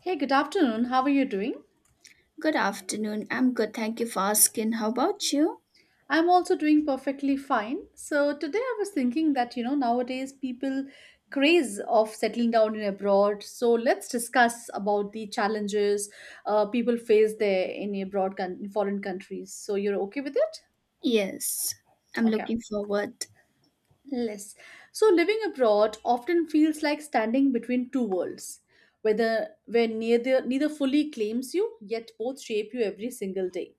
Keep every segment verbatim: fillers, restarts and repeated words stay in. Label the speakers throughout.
Speaker 1: Hey, good afternoon. How are you doing?
Speaker 2: Good afternoon. I'm good. Thank you for asking. How about you?
Speaker 1: I'm also doing perfectly fine. So today I was thinking that you know nowadays people craze of settling down in abroad. So let's discuss about the challenges uh, people face there in abroad con- in foreign countries. So you're okay with it?
Speaker 2: Yes, I'm
Speaker 1: Okay.
Speaker 2: looking forward.
Speaker 1: Yes. So living abroad often feels like standing between two worlds, whether where neither neither fully claims you, yet both shape you every single day.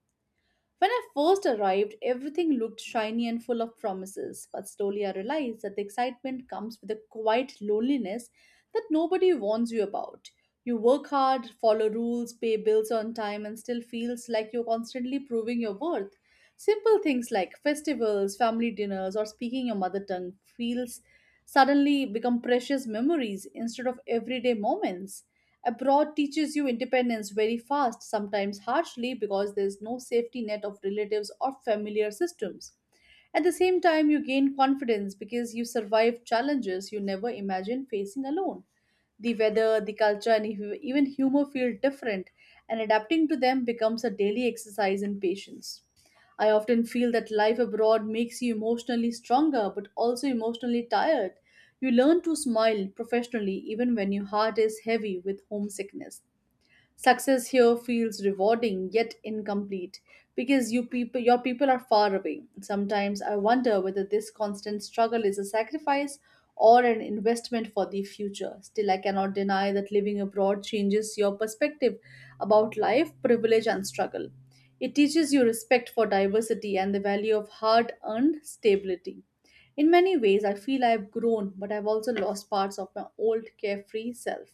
Speaker 1: When I first arrived, everything looked shiny and full of promises, but slowly I realized that the excitement comes with a quiet loneliness that nobody warns you about. You work hard, follow rules, pay bills on time, and still feels like you're constantly proving your worth. Simple things like festivals, family dinners, or speaking your mother tongue feels suddenly become precious memories instead of everyday moments. Abroad teaches you independence very fast, sometimes harshly, because there's no safety net of relatives or familiar systems. At the same time, you gain confidence because you survive challenges you never imagined facing alone. The weather, the culture, and ev- even humor feel different, and adapting to them becomes a daily exercise in patience. I often feel that life abroad makes you emotionally stronger but also emotionally tired. You learn to smile professionally even when your heart is heavy with homesickness. Success here feels rewarding yet incomplete because you people, your people are far away. Sometimes I wonder whether this constant struggle is a sacrifice or an investment for the future. Still, I cannot deny that living abroad changes your perspective about life, privilege, and struggle. It teaches you respect for diversity and the value of hard earned stability. In many ways, I feel I've grown, but I've also lost parts of my old carefree self.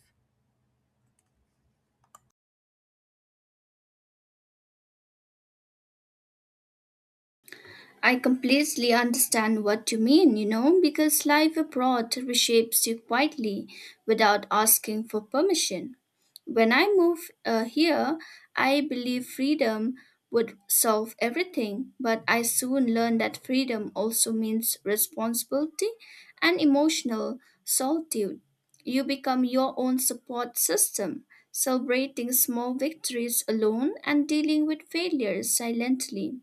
Speaker 2: I completely understand what you mean, you know, because life abroad reshapes you quietly without asking for permission. When I moved uh, here, I believed freedom would solve everything, but I soon learned that freedom also means responsibility and emotional solitude. You become your own support system, celebrating small victories alone and dealing with failures silently.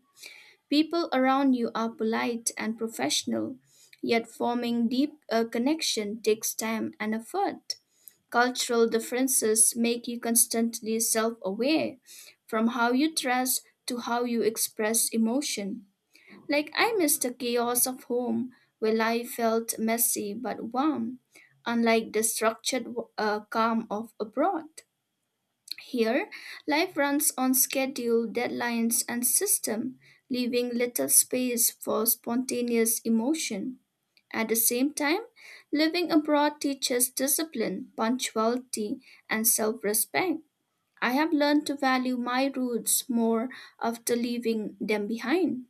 Speaker 2: People around you are polite and professional, yet forming deep uh, connection takes time and effort. Cultural differences make you constantly self-aware, from how you dress to how you express emotion. Like I miss the chaos of home, where life felt messy but warm, unlike the structured uh, calm of abroad. Here, life runs on schedule, deadlines, and system, leaving little space for spontaneous emotion. At the same time, living abroad teaches discipline, punctuality, and self respect. I have learned to value my roots more after leaving them behind.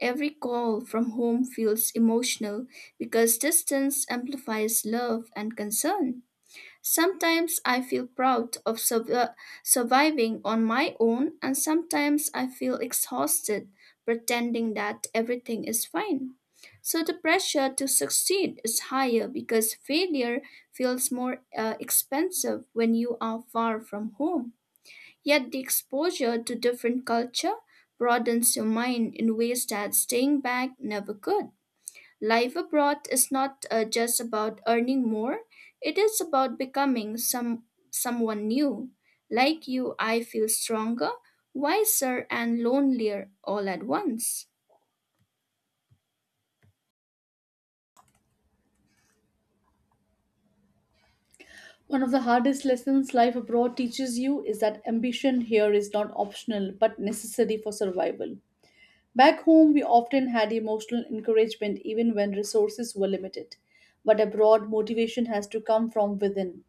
Speaker 2: Every call from home feels emotional because distance amplifies love and concern. Sometimes I feel proud of survi- surviving on my own, and sometimes I feel exhausted pretending that everything is fine. So the pressure to succeed is higher because failure feels more uh, expensive when you are far from home. Yet the exposure to different culture broadens your mind in ways that staying back never could. Life abroad is not uh, just about earning more, it is about becoming some someone new. Like you, I feel stronger, wiser and lonelier all at once.
Speaker 1: One of the hardest lessons life abroad teaches you is that ambition here is not optional but necessary for survival. Back home, we often had emotional encouragement even when resources were limited. But abroad, motivation has to come from within.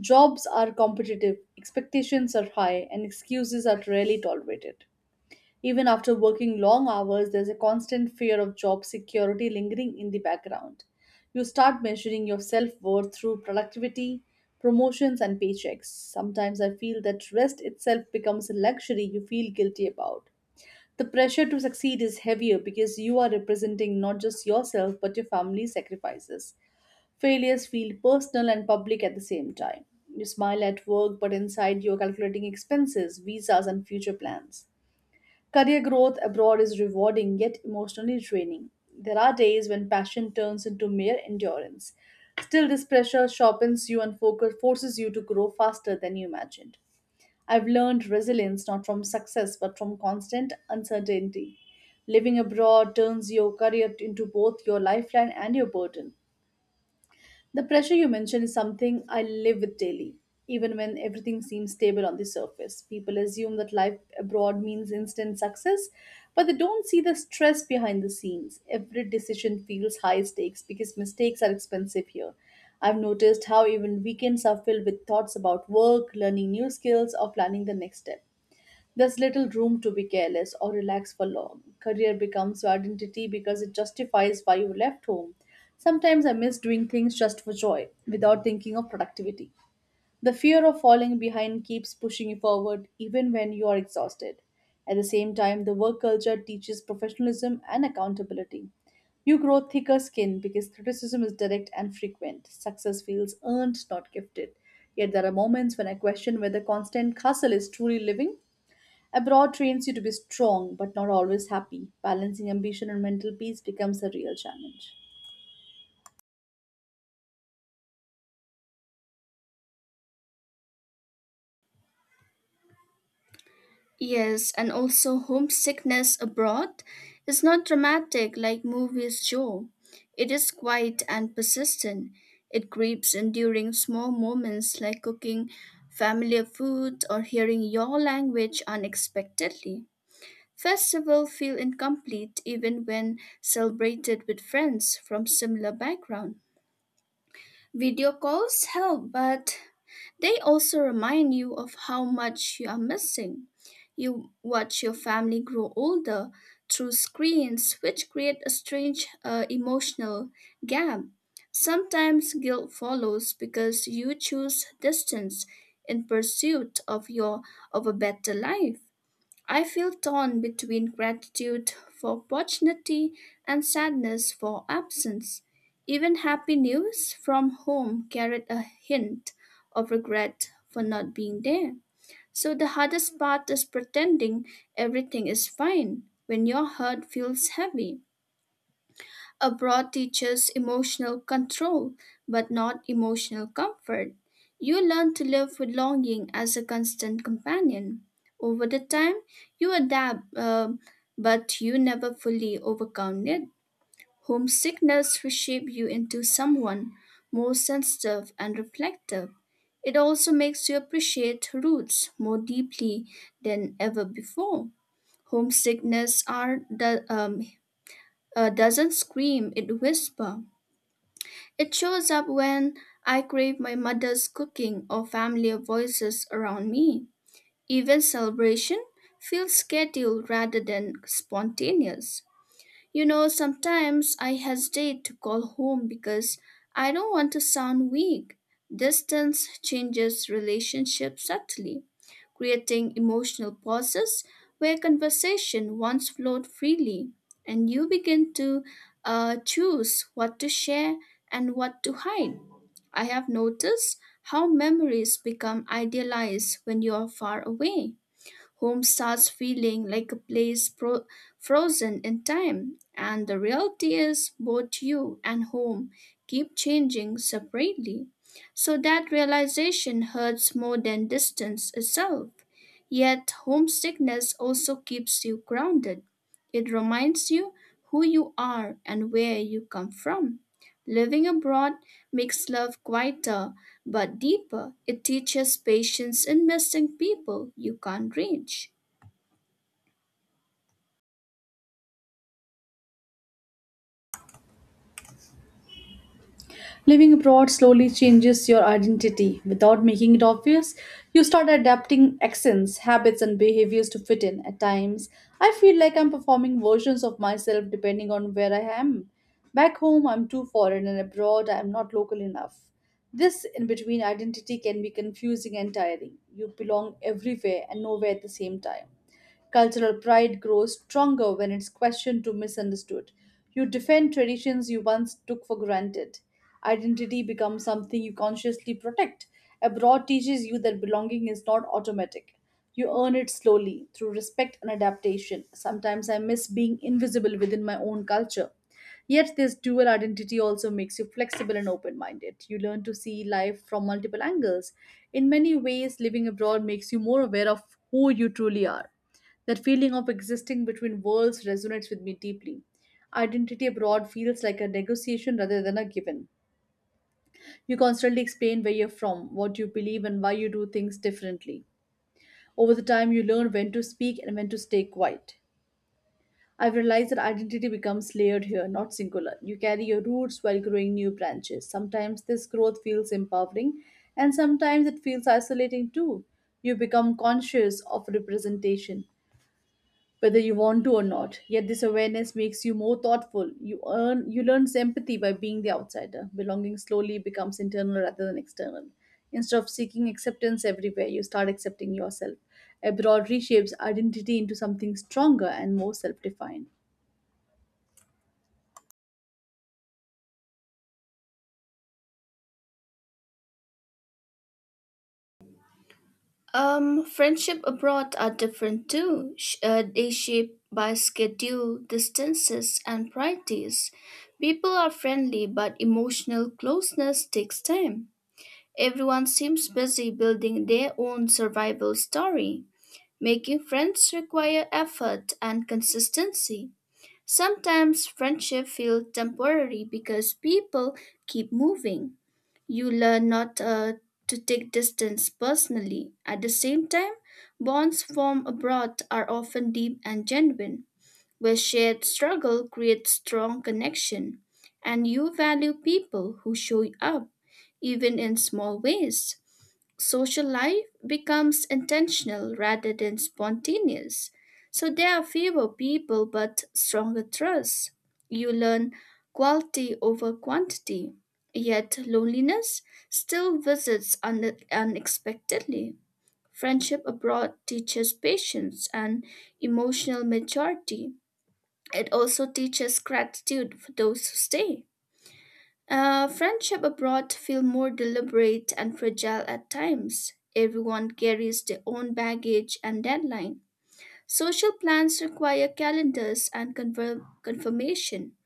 Speaker 1: Jobs are competitive, expectations are high, and excuses are rarely tolerated. Even after working long hours, there's a constant fear of job security lingering in the background. You start measuring your self worth through productivity, promotions, and paychecks. Sometimes I feel that rest itself becomes a luxury you feel guilty about. The pressure to succeed is heavier because you are representing not just yourself but your family's sacrifices. Failures feel personal and public at the same time. You smile at work, but inside you're calculating expenses, visas, and future plans. Career growth abroad is rewarding yet emotionally draining. There are days when passion turns into mere endurance. Still, this pressure sharpens you and focus forces you to grow faster than you imagined. I've learned resilience not from success but from constant uncertainty. Living abroad turns your career into both your lifeline and your burden. The pressure you mentioned is something I live with daily. Even when everything seems stable on the surface, people assume that life abroad means instant success, but they don't see the stress behind the scenes. Every decision feels high stakes because mistakes are expensive here. I've noticed how even weekends are filled with thoughts about work, learning new skills, or planning the next step. There's little room to be careless or relax for long. Career becomes your identity because it justifies why you left home. Sometimes I miss doing things just for joy, without thinking of productivity. The fear of falling behind keeps pushing you forward even when you are exhausted. At the same time, the work culture teaches professionalism and accountability. You grow thicker skin because criticism is direct and frequent. Success feels earned, not gifted. Yet there are moments when I question whether constant hustle is truly living. Abroad trains you to be strong but not always happy. Balancing ambition and mental peace becomes a real challenge.
Speaker 2: Yes, and also homesickness abroad is not dramatic like movies show. It is quiet and persistent. It creeps in during small moments like cooking familiar food or hearing your language unexpectedly. Festivals feel incomplete even when celebrated with friends from similar background. Video calls help, but they also remind you of how much you are missing. You watch your family grow older through screens, which create a strange uh, emotional gap. Sometimes guilt follows because you choose distance in pursuit of your of a better life. I feel torn between gratitude for opportunity and sadness for absence. Even happy news from home carried a hint of regret for not being there. So the hardest part is pretending everything is fine when your heart feels heavy. Abroad teaches emotional control, but not emotional comfort. You learn to live with longing as a constant companion. Over the time, you adapt, um, but you never fully overcome it. Homesickness reshapes you into someone more sensitive and reflective. It also makes you appreciate roots more deeply than ever before. Homesickness are the, um, uh, doesn't scream; it whispers. It shows up when I crave my mother's cooking or family voices around me. Even celebration feels scheduled rather than spontaneous. You know, sometimes I hesitate to call home because I don't want to sound weak. Distance changes relationships subtly, creating emotional pauses where conversation once flowed freely, and you begin to uh, choose what to share and what to hide. I have noticed how memories become idealized when you are far away. Home starts feeling like a place pro- frozen in time. And the reality is, both you and home keep changing separately. So that realization hurts more than distance itself. Yet, homesickness also keeps you grounded. It reminds you who you are and where you come from. Living abroad makes love quieter but deeper, it teaches patience in missing people you can't reach.
Speaker 1: Living abroad slowly changes your identity without making it obvious. You start adapting accents, habits, and behaviors to fit in. At times, I feel like I'm performing versions of myself depending on where I am. Back home, I'm too foreign, and abroad, I'm not local enough. This in between identity can be confusing and tiring. You belong everywhere and nowhere at the same time. Cultural pride grows stronger when it's questioned or misunderstood. You defend traditions you once took for granted. Identity becomes something you consciously protect. Abroad teaches you that belonging is not automatic. You earn it slowly through respect and adaptation. Sometimes I miss being invisible within my own culture. Yet, this dual identity also makes you flexible and open minded. You learn to see life from multiple angles. In many ways, living abroad makes you more aware of who you truly are. That feeling of existing between worlds resonates with me deeply. Identity abroad feels like a negotiation rather than a given. You constantly explain where you're from, what you believe, and why you do things differently. Over the time, you learn when to speak and when to stay quiet. I've realized that identity becomes layered here, not singular. You carry your roots while growing new branches. Sometimes this growth feels empowering, and sometimes it feels isolating too. You become conscious of representation, whether you want to or not. Yet this awareness makes you more thoughtful. You earn you learn empathy by being the outsider. Belonging slowly becomes internal rather than external. Instead of seeking acceptance everywhere, you start accepting yourself. Abroad reshapes identity into something stronger and more self-defined.
Speaker 2: Um, friendship abroad are different too. Sh- uh, they shape by schedule, distances, and priorities. People are friendly, but emotional closeness takes time. Everyone seems busy building their own survival story. Making friends require effort and consistency. Sometimes friendship feels temporary because people keep moving. You learn not uh, to take distance personally. At the same time, bonds formed abroad are often deep and genuine, where shared struggle creates strong connection, and you value people who show up, even in small ways social life becomes intentional rather than spontaneous. So there are fewer people but stronger trust. You learn quality over quantity, yet loneliness still visits un- unexpectedly. Friendship abroad teaches patience and emotional maturity. It also teaches gratitude for those who stay. Uh, friendship abroad feel more deliberate and fragile at times. Everyone carries their own baggage and deadline. Social plans require calendars and confirm- confirmation.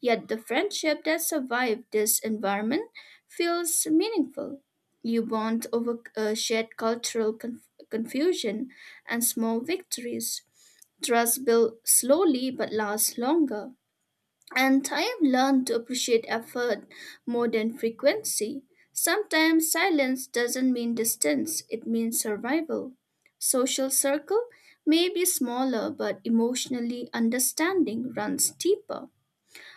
Speaker 2: Yet the friendship that survived this environment feels meaningful. You bond over uh, shared cultural conf- confusion and small victories. Trust builds slowly but lasts longer. And I have learned to appreciate effort more than frequency. Sometimes silence doesn't mean distance, it means survival. Social circle may be smaller, but emotionally understanding runs deeper.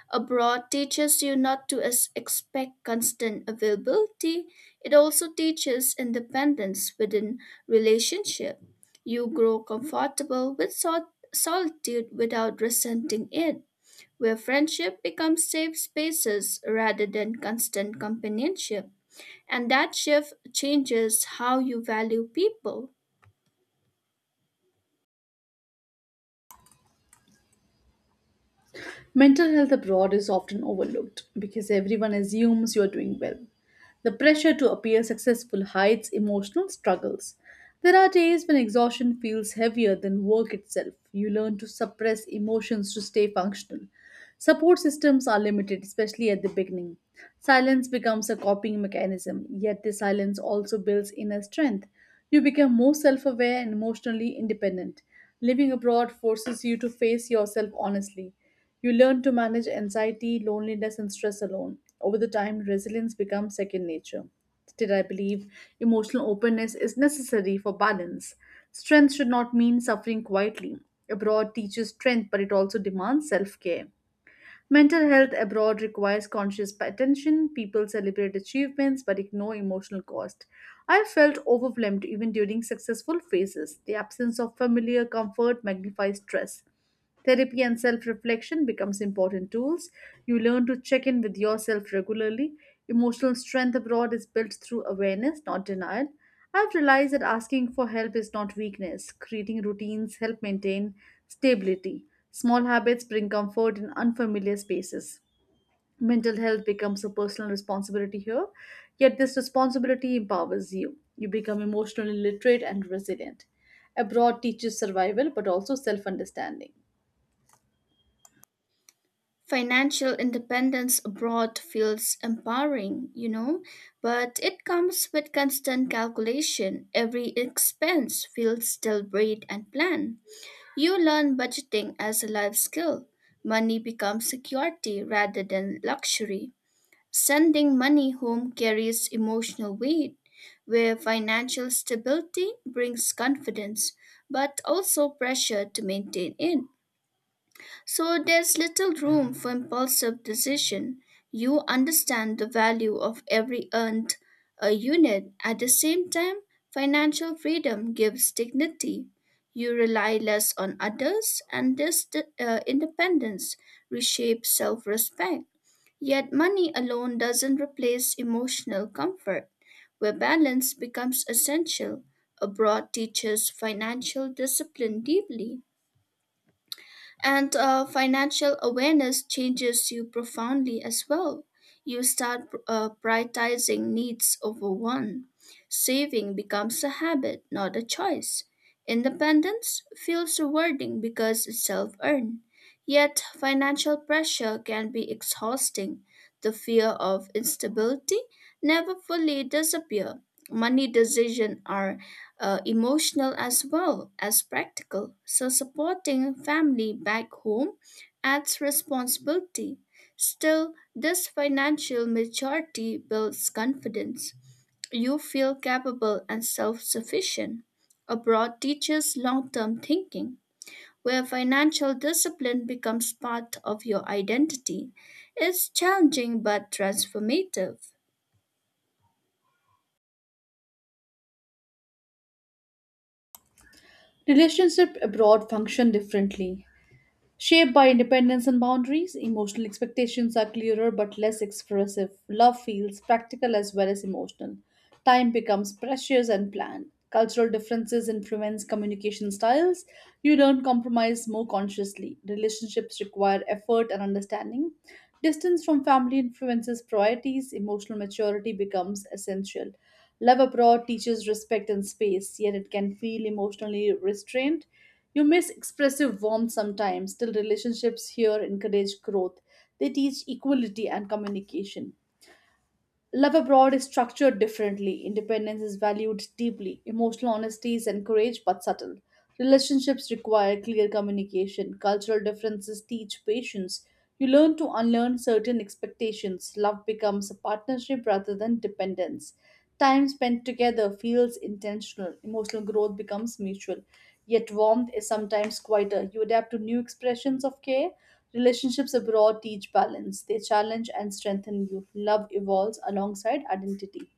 Speaker 2: Abroad teaches you not to as- expect constant availability, it also teaches independence within relationship. You grow comfortable with sol- solitude without resenting it where friendship becomes safe spaces rather than constant companionship. And that shift changes how you value people.
Speaker 1: Mental health abroad is often overlooked because everyone assumes you're doing well. The pressure to appear successful hides emotional struggles. There are days when exhaustion feels heavier than work itself. You learn to suppress emotions to stay functional. Support systems are limited, especially at the beginning. Silence becomes a coping mechanism, yet the silence also builds inner strength. You become more self aware and emotionally independent. Living abroad forces you to face yourself honestly. You learn to manage anxiety, loneliness, and stress alone. Over the time, resilience becomes second nature. Still, I believe emotional openness is necessary for balance. Strength should not mean suffering quietly. Abroad teaches strength, but it also demands self care. Mental health abroad requires conscious attention. People celebrate achievements but ignore emotional cost. I felt overwhelmed even during successful phases. The absence of familiar comfort magnifies stress. Therapy and self-reflection becomes important tools. You learn to check in with yourself regularly. Emotional strength abroad is built through awareness, not denial. I've realized that asking for help is not weakness. Creating routines help maintain stability. Small habits bring comfort in unfamiliar spaces. Mental health becomes a personal responsibility here, yet, this responsibility empowers you. You become emotionally literate and resilient. Abroad teaches survival but also self understanding.
Speaker 2: Financial independence abroad feels empowering, you know, but it comes with constant calculation. Every expense feels deliberate and planned. You learn budgeting as a life skill. Money becomes security rather than luxury. Sending money home carries emotional weight, where financial stability brings confidence, but also pressure to maintain it. So there's little room for impulsive decision. You understand the value of every earned uh, unit. At the same time, financial freedom gives dignity. You rely less on others, and this uh, independence reshapes self respect. Yet money alone doesn't replace emotional comfort. Where balance becomes essential, abroad teaches financial discipline deeply. And uh, financial awareness changes you profoundly as well. You start uh, prioritizing needs over one. Saving becomes a habit, not a choice. Independence feels rewarding because it's self earned. Yet, financial pressure can be exhausting. The fear of instability never fully disappears. Money decisions are uh, emotional as well as practical. So, supporting family back home adds responsibility. Still, this financial maturity builds confidence. You feel capable and self sufficient. Abroad teaches long term thinking, where financial discipline becomes part of your identity. It's challenging but transformative.
Speaker 1: Relationship abroad function differently. Shaped by independence and boundaries, emotional expectations are clearer but less expressive. Love feels practical as well as emotional. Time becomes precious and planned. Cultural differences influence communication styles. You learn compromise more consciously. Relationships require effort and understanding. Distance from family influences priorities. Emotional maturity becomes essential. Love abroad teaches respect and space, yet it can feel emotionally restrained. You miss expressive warmth sometimes, still, relationships here encourage growth. They teach equality and communication. Love abroad is structured differently. Independence is valued deeply. Emotional honesty is encouraged but subtle. Relationships require clear communication. Cultural differences teach patience. You learn to unlearn certain expectations. Love becomes a partnership rather than dependence. Time spent together feels intentional. Emotional growth becomes mutual yet warmth is sometimes quieter. You adapt to new expressions of care. Relationships abroad teach balance, they challenge and strengthen you. Love evolves alongside identity.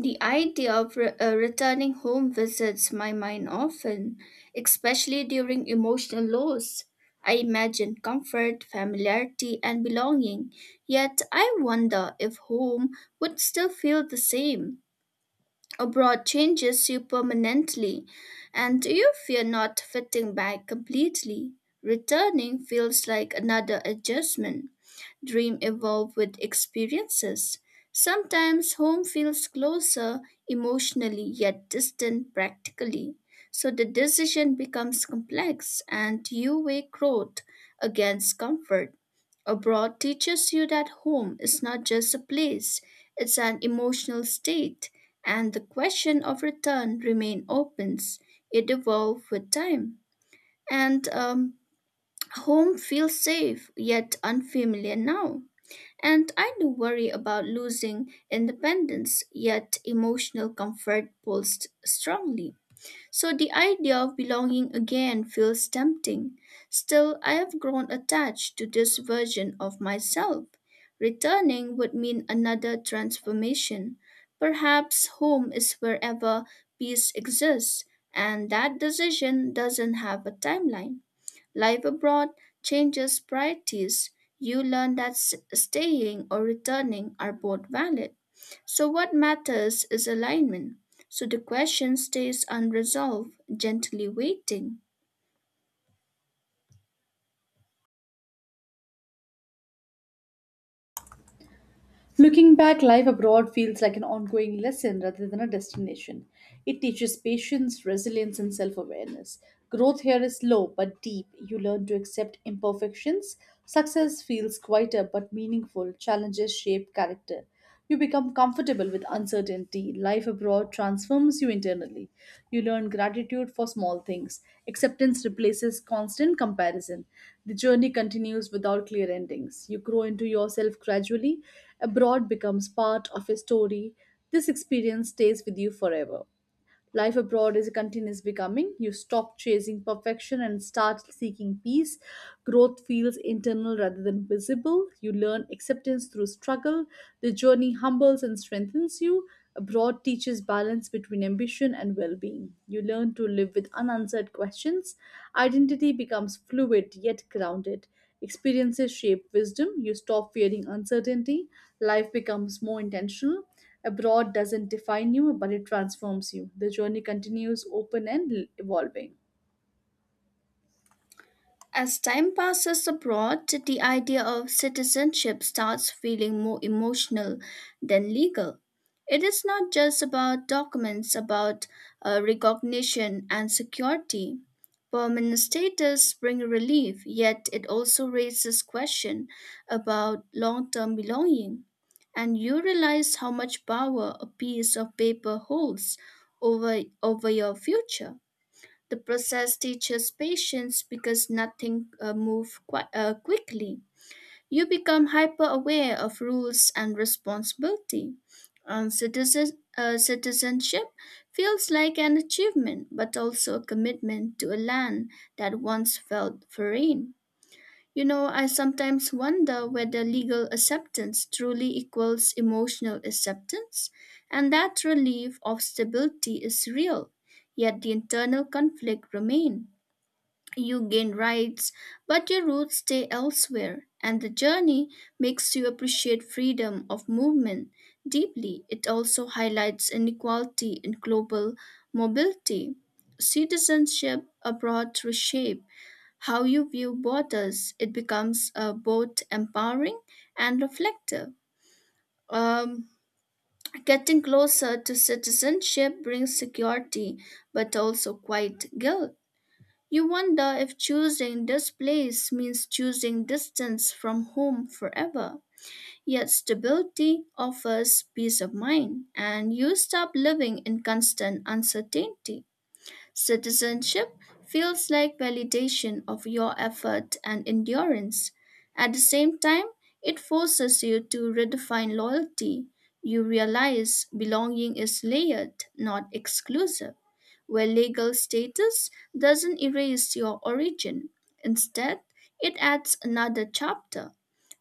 Speaker 2: The idea of re- uh, returning home visits my mind often, especially during emotional loss. I imagine comfort, familiarity, and belonging, yet I wonder if home would still feel the same. Abroad changes you permanently, and you fear not fitting back completely? Returning feels like another adjustment. Dream evolve with experiences. Sometimes home feels closer emotionally yet distant practically. So the decision becomes complex and you weigh growth against comfort. Abroad teaches you that home is not just a place, it's an emotional state, and the question of return remain open. It evolves with time. And um, home feels safe yet unfamiliar now. And I do worry about losing independence, yet emotional comfort pulls strongly. So the idea of belonging again feels tempting. Still, I have grown attached to this version of myself. Returning would mean another transformation. Perhaps home is wherever peace exists, and that decision doesn't have a timeline. Life abroad changes priorities. You learn that s- staying or returning are both valid. So, what matters is alignment. So, the question stays unresolved, gently waiting.
Speaker 1: Looking back, life abroad feels like an ongoing lesson rather than a destination. It teaches patience, resilience, and self awareness. Growth here is slow but deep. You learn to accept imperfections. Success feels quieter but meaningful. Challenges shape character. You become comfortable with uncertainty. Life abroad transforms you internally. You learn gratitude for small things. Acceptance replaces constant comparison. The journey continues without clear endings. You grow into yourself gradually. Abroad becomes part of your story. This experience stays with you forever. Life abroad is a continuous becoming. You stop chasing perfection and start seeking peace. Growth feels internal rather than visible. You learn acceptance through struggle. The journey humbles and strengthens you. Abroad teaches balance between ambition and well being. You learn to live with unanswered questions. Identity becomes fluid yet grounded. Experiences shape wisdom. You stop fearing uncertainty. Life becomes more intentional. Abroad doesn't define you, but it transforms you. The journey continues open and l- evolving.
Speaker 2: As time passes abroad, the idea of citizenship starts feeling more emotional than legal. It is not just about documents, about uh, recognition and security. Permanent status bring relief, yet it also raises question about long-term belonging. And you realize how much power a piece of paper holds over, over your future. The process teaches patience because nothing uh, moves qui- uh, quickly. You become hyper aware of rules and responsibility. And citizen- uh, citizenship feels like an achievement, but also a commitment to a land that once felt foreign. You know, I sometimes wonder whether legal acceptance truly equals emotional acceptance, and that relief of stability is real, yet the internal conflict remains. You gain rights, but your roots stay elsewhere, and the journey makes you appreciate freedom of movement deeply. It also highlights inequality in global mobility. Citizenship abroad reshape how you view borders. It becomes uh, both empowering and reflective. Um, Getting closer to citizenship brings security, but also quite guilt. You wonder if choosing this place means choosing distance from home forever. Yet stability offers peace of mind, and you stop living in constant uncertainty. Citizenship feels like validation of your effort and endurance. At the same time, it forces you to redefine loyalty. You realize belonging is layered, not exclusive, where legal status doesn't erase your origin. Instead, it adds another chapter.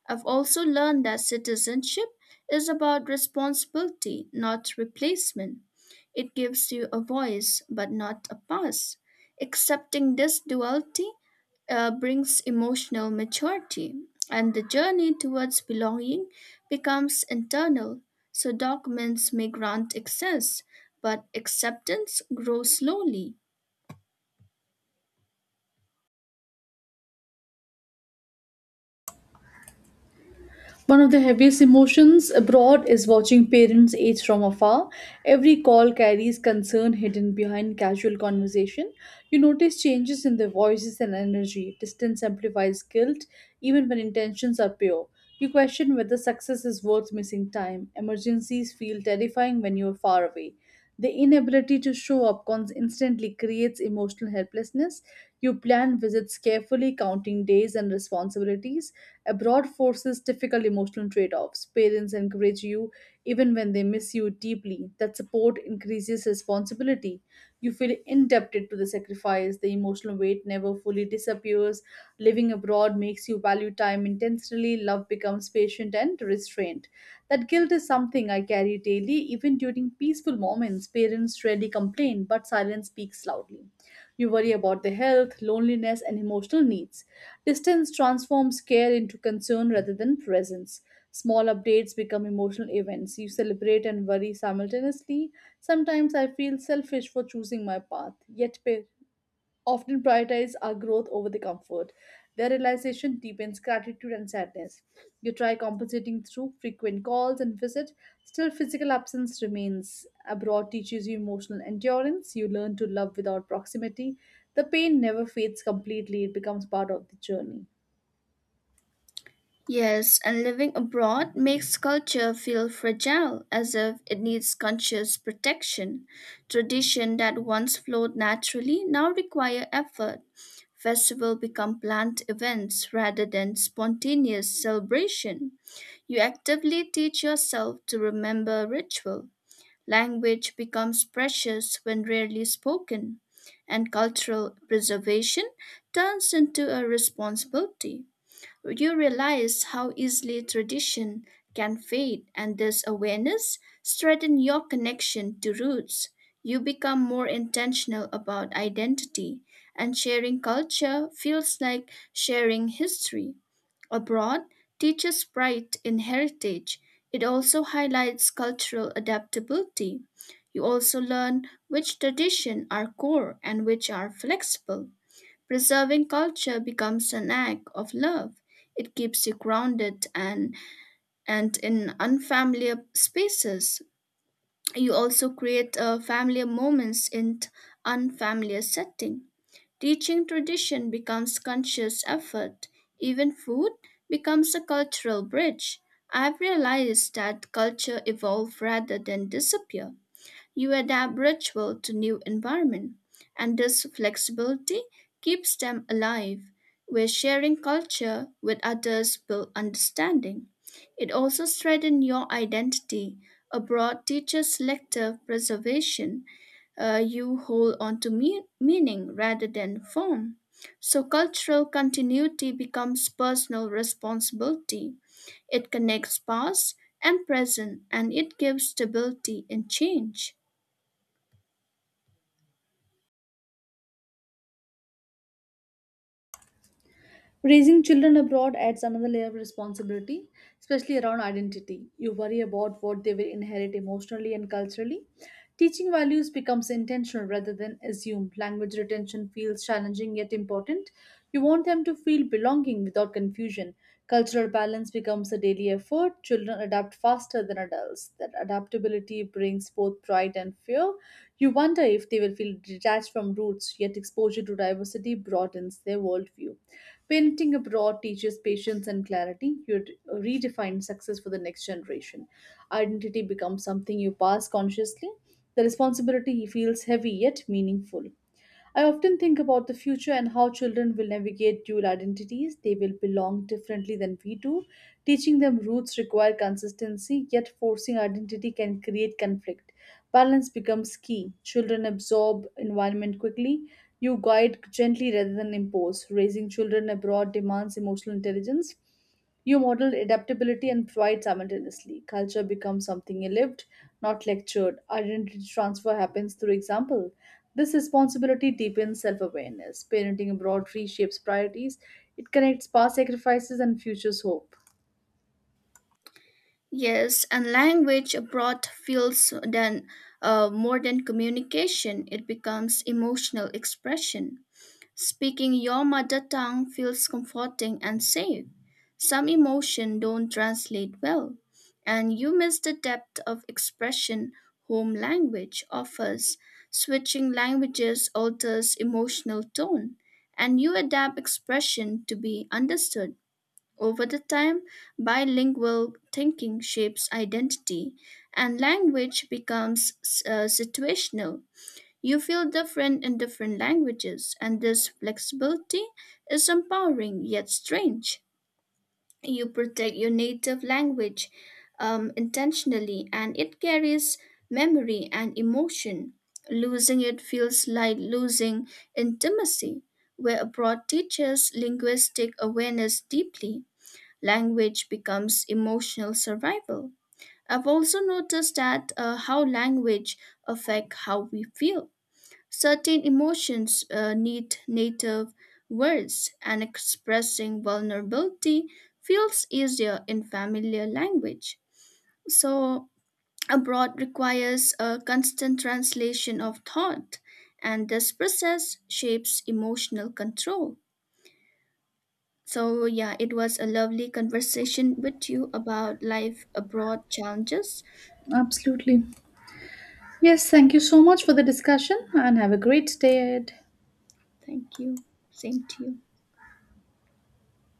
Speaker 2: I've also learned that citizenship is about responsibility, not replacement. It gives you a voice, but not a past. Accepting this duality uh, brings emotional maturity, and the journey towards belonging becomes internal. So, documents may grant access, but acceptance grows slowly.
Speaker 1: One of the heaviest emotions abroad is watching parents age from afar. Every call carries concern hidden behind casual conversation. You notice changes in their voices and energy. Distance amplifies guilt, even when intentions are pure. You question whether success is worth missing time. Emergencies feel terrifying when you are far away. The inability to show up cons- instantly creates emotional helplessness. You plan visits carefully, counting days and responsibilities. Abroad forces difficult emotional trade offs. Parents encourage you even when they miss you deeply. That support increases responsibility. You feel indebted to the sacrifice. The emotional weight never fully disappears. Living abroad makes you value time intensely. Love becomes patient and restrained. That guilt is something I carry daily, even during peaceful moments. Parents rarely complain, but silence speaks loudly. You worry about their health, loneliness, and emotional needs. Distance transforms care into concern rather than presence. Small updates become emotional events. You celebrate and worry simultaneously. Sometimes I feel selfish for choosing my path, yet pa- often prioritize our growth over the comfort. Their realization deepens gratitude and sadness. You try compensating through frequent calls and visit, still physical absence remains. Abroad teaches you emotional endurance. You learn to love without proximity. The pain never fades completely, it becomes part of the journey.
Speaker 2: Yes, and living abroad makes culture feel fragile, as if it needs conscious protection. Tradition that once flowed naturally now require effort. Festival become planned events rather than spontaneous celebration. You actively teach yourself to remember ritual. Language becomes precious when rarely spoken, and cultural preservation turns into a responsibility. You realize how easily tradition can fade, and this awareness strengthens your connection to roots. You become more intentional about identity, and sharing culture feels like sharing history. Abroad teaches pride in heritage. It also highlights cultural adaptability. You also learn which traditions are core and which are flexible. Preserving culture becomes an act of love. It keeps you grounded and, and in unfamiliar spaces. You also create uh, familiar moments in t- unfamiliar setting. Teaching tradition becomes conscious effort. Even food becomes a cultural bridge. I've realized that culture evolve rather than disappear. You adapt ritual to new environment, and this flexibility keeps them alive. Where sharing culture with others build understanding. It also strengthens your identity. Abroad teaches selective preservation. Uh, you hold on to me- meaning rather than form. So cultural continuity becomes personal responsibility. It connects past and present and it gives stability in change.
Speaker 1: Raising children abroad adds another layer of responsibility, especially around identity. You worry about what they will inherit emotionally and culturally. Teaching values becomes intentional rather than assumed. Language retention feels challenging yet important. You want them to feel belonging without confusion. Cultural balance becomes a daily effort. Children adapt faster than adults. That adaptability brings both pride and fear. You wonder if they will feel detached from roots, yet exposure to diversity broadens their worldview. Parenting abroad teaches patience and clarity. You d- redefine success for the next generation. Identity becomes something you pass consciously. The responsibility feels heavy yet meaningful. I often think about the future and how children will navigate dual identities. They will belong differently than we do. Teaching them roots require consistency, yet forcing identity can create conflict. Balance becomes key. Children absorb environment quickly. You guide gently rather than impose. Raising children abroad demands emotional intelligence. You model adaptability and pride simultaneously. Culture becomes something lived, not lectured. Identity transfer happens through example. This responsibility deepens self awareness. Parenting abroad reshapes priorities, it connects past sacrifices and future's hope.
Speaker 2: Yes, and language abroad feels than uh, more than communication. It becomes emotional expression. Speaking your mother tongue feels comforting and safe. Some emotion don't translate well, and you miss the depth of expression home language offers. Switching languages alters emotional tone, and you adapt expression to be understood. Over the time, bilingual thinking shapes identity, and language becomes uh, situational. You feel different in different languages, and this flexibility is empowering yet strange. You protect your native language um, intentionally, and it carries memory and emotion. Losing it feels like losing intimacy, where abroad teaches linguistic awareness deeply. Language becomes emotional survival. I've also noticed that uh, how language affect how we feel. Certain emotions uh, need native words, and expressing vulnerability feels easier in familiar language. So, abroad requires a constant translation of thought, and this process shapes emotional control. So, yeah, it was a lovely conversation with you about life abroad challenges.
Speaker 1: Absolutely. Yes, thank you so much for the discussion and have a great day ahead.
Speaker 2: Thank you. Same to you.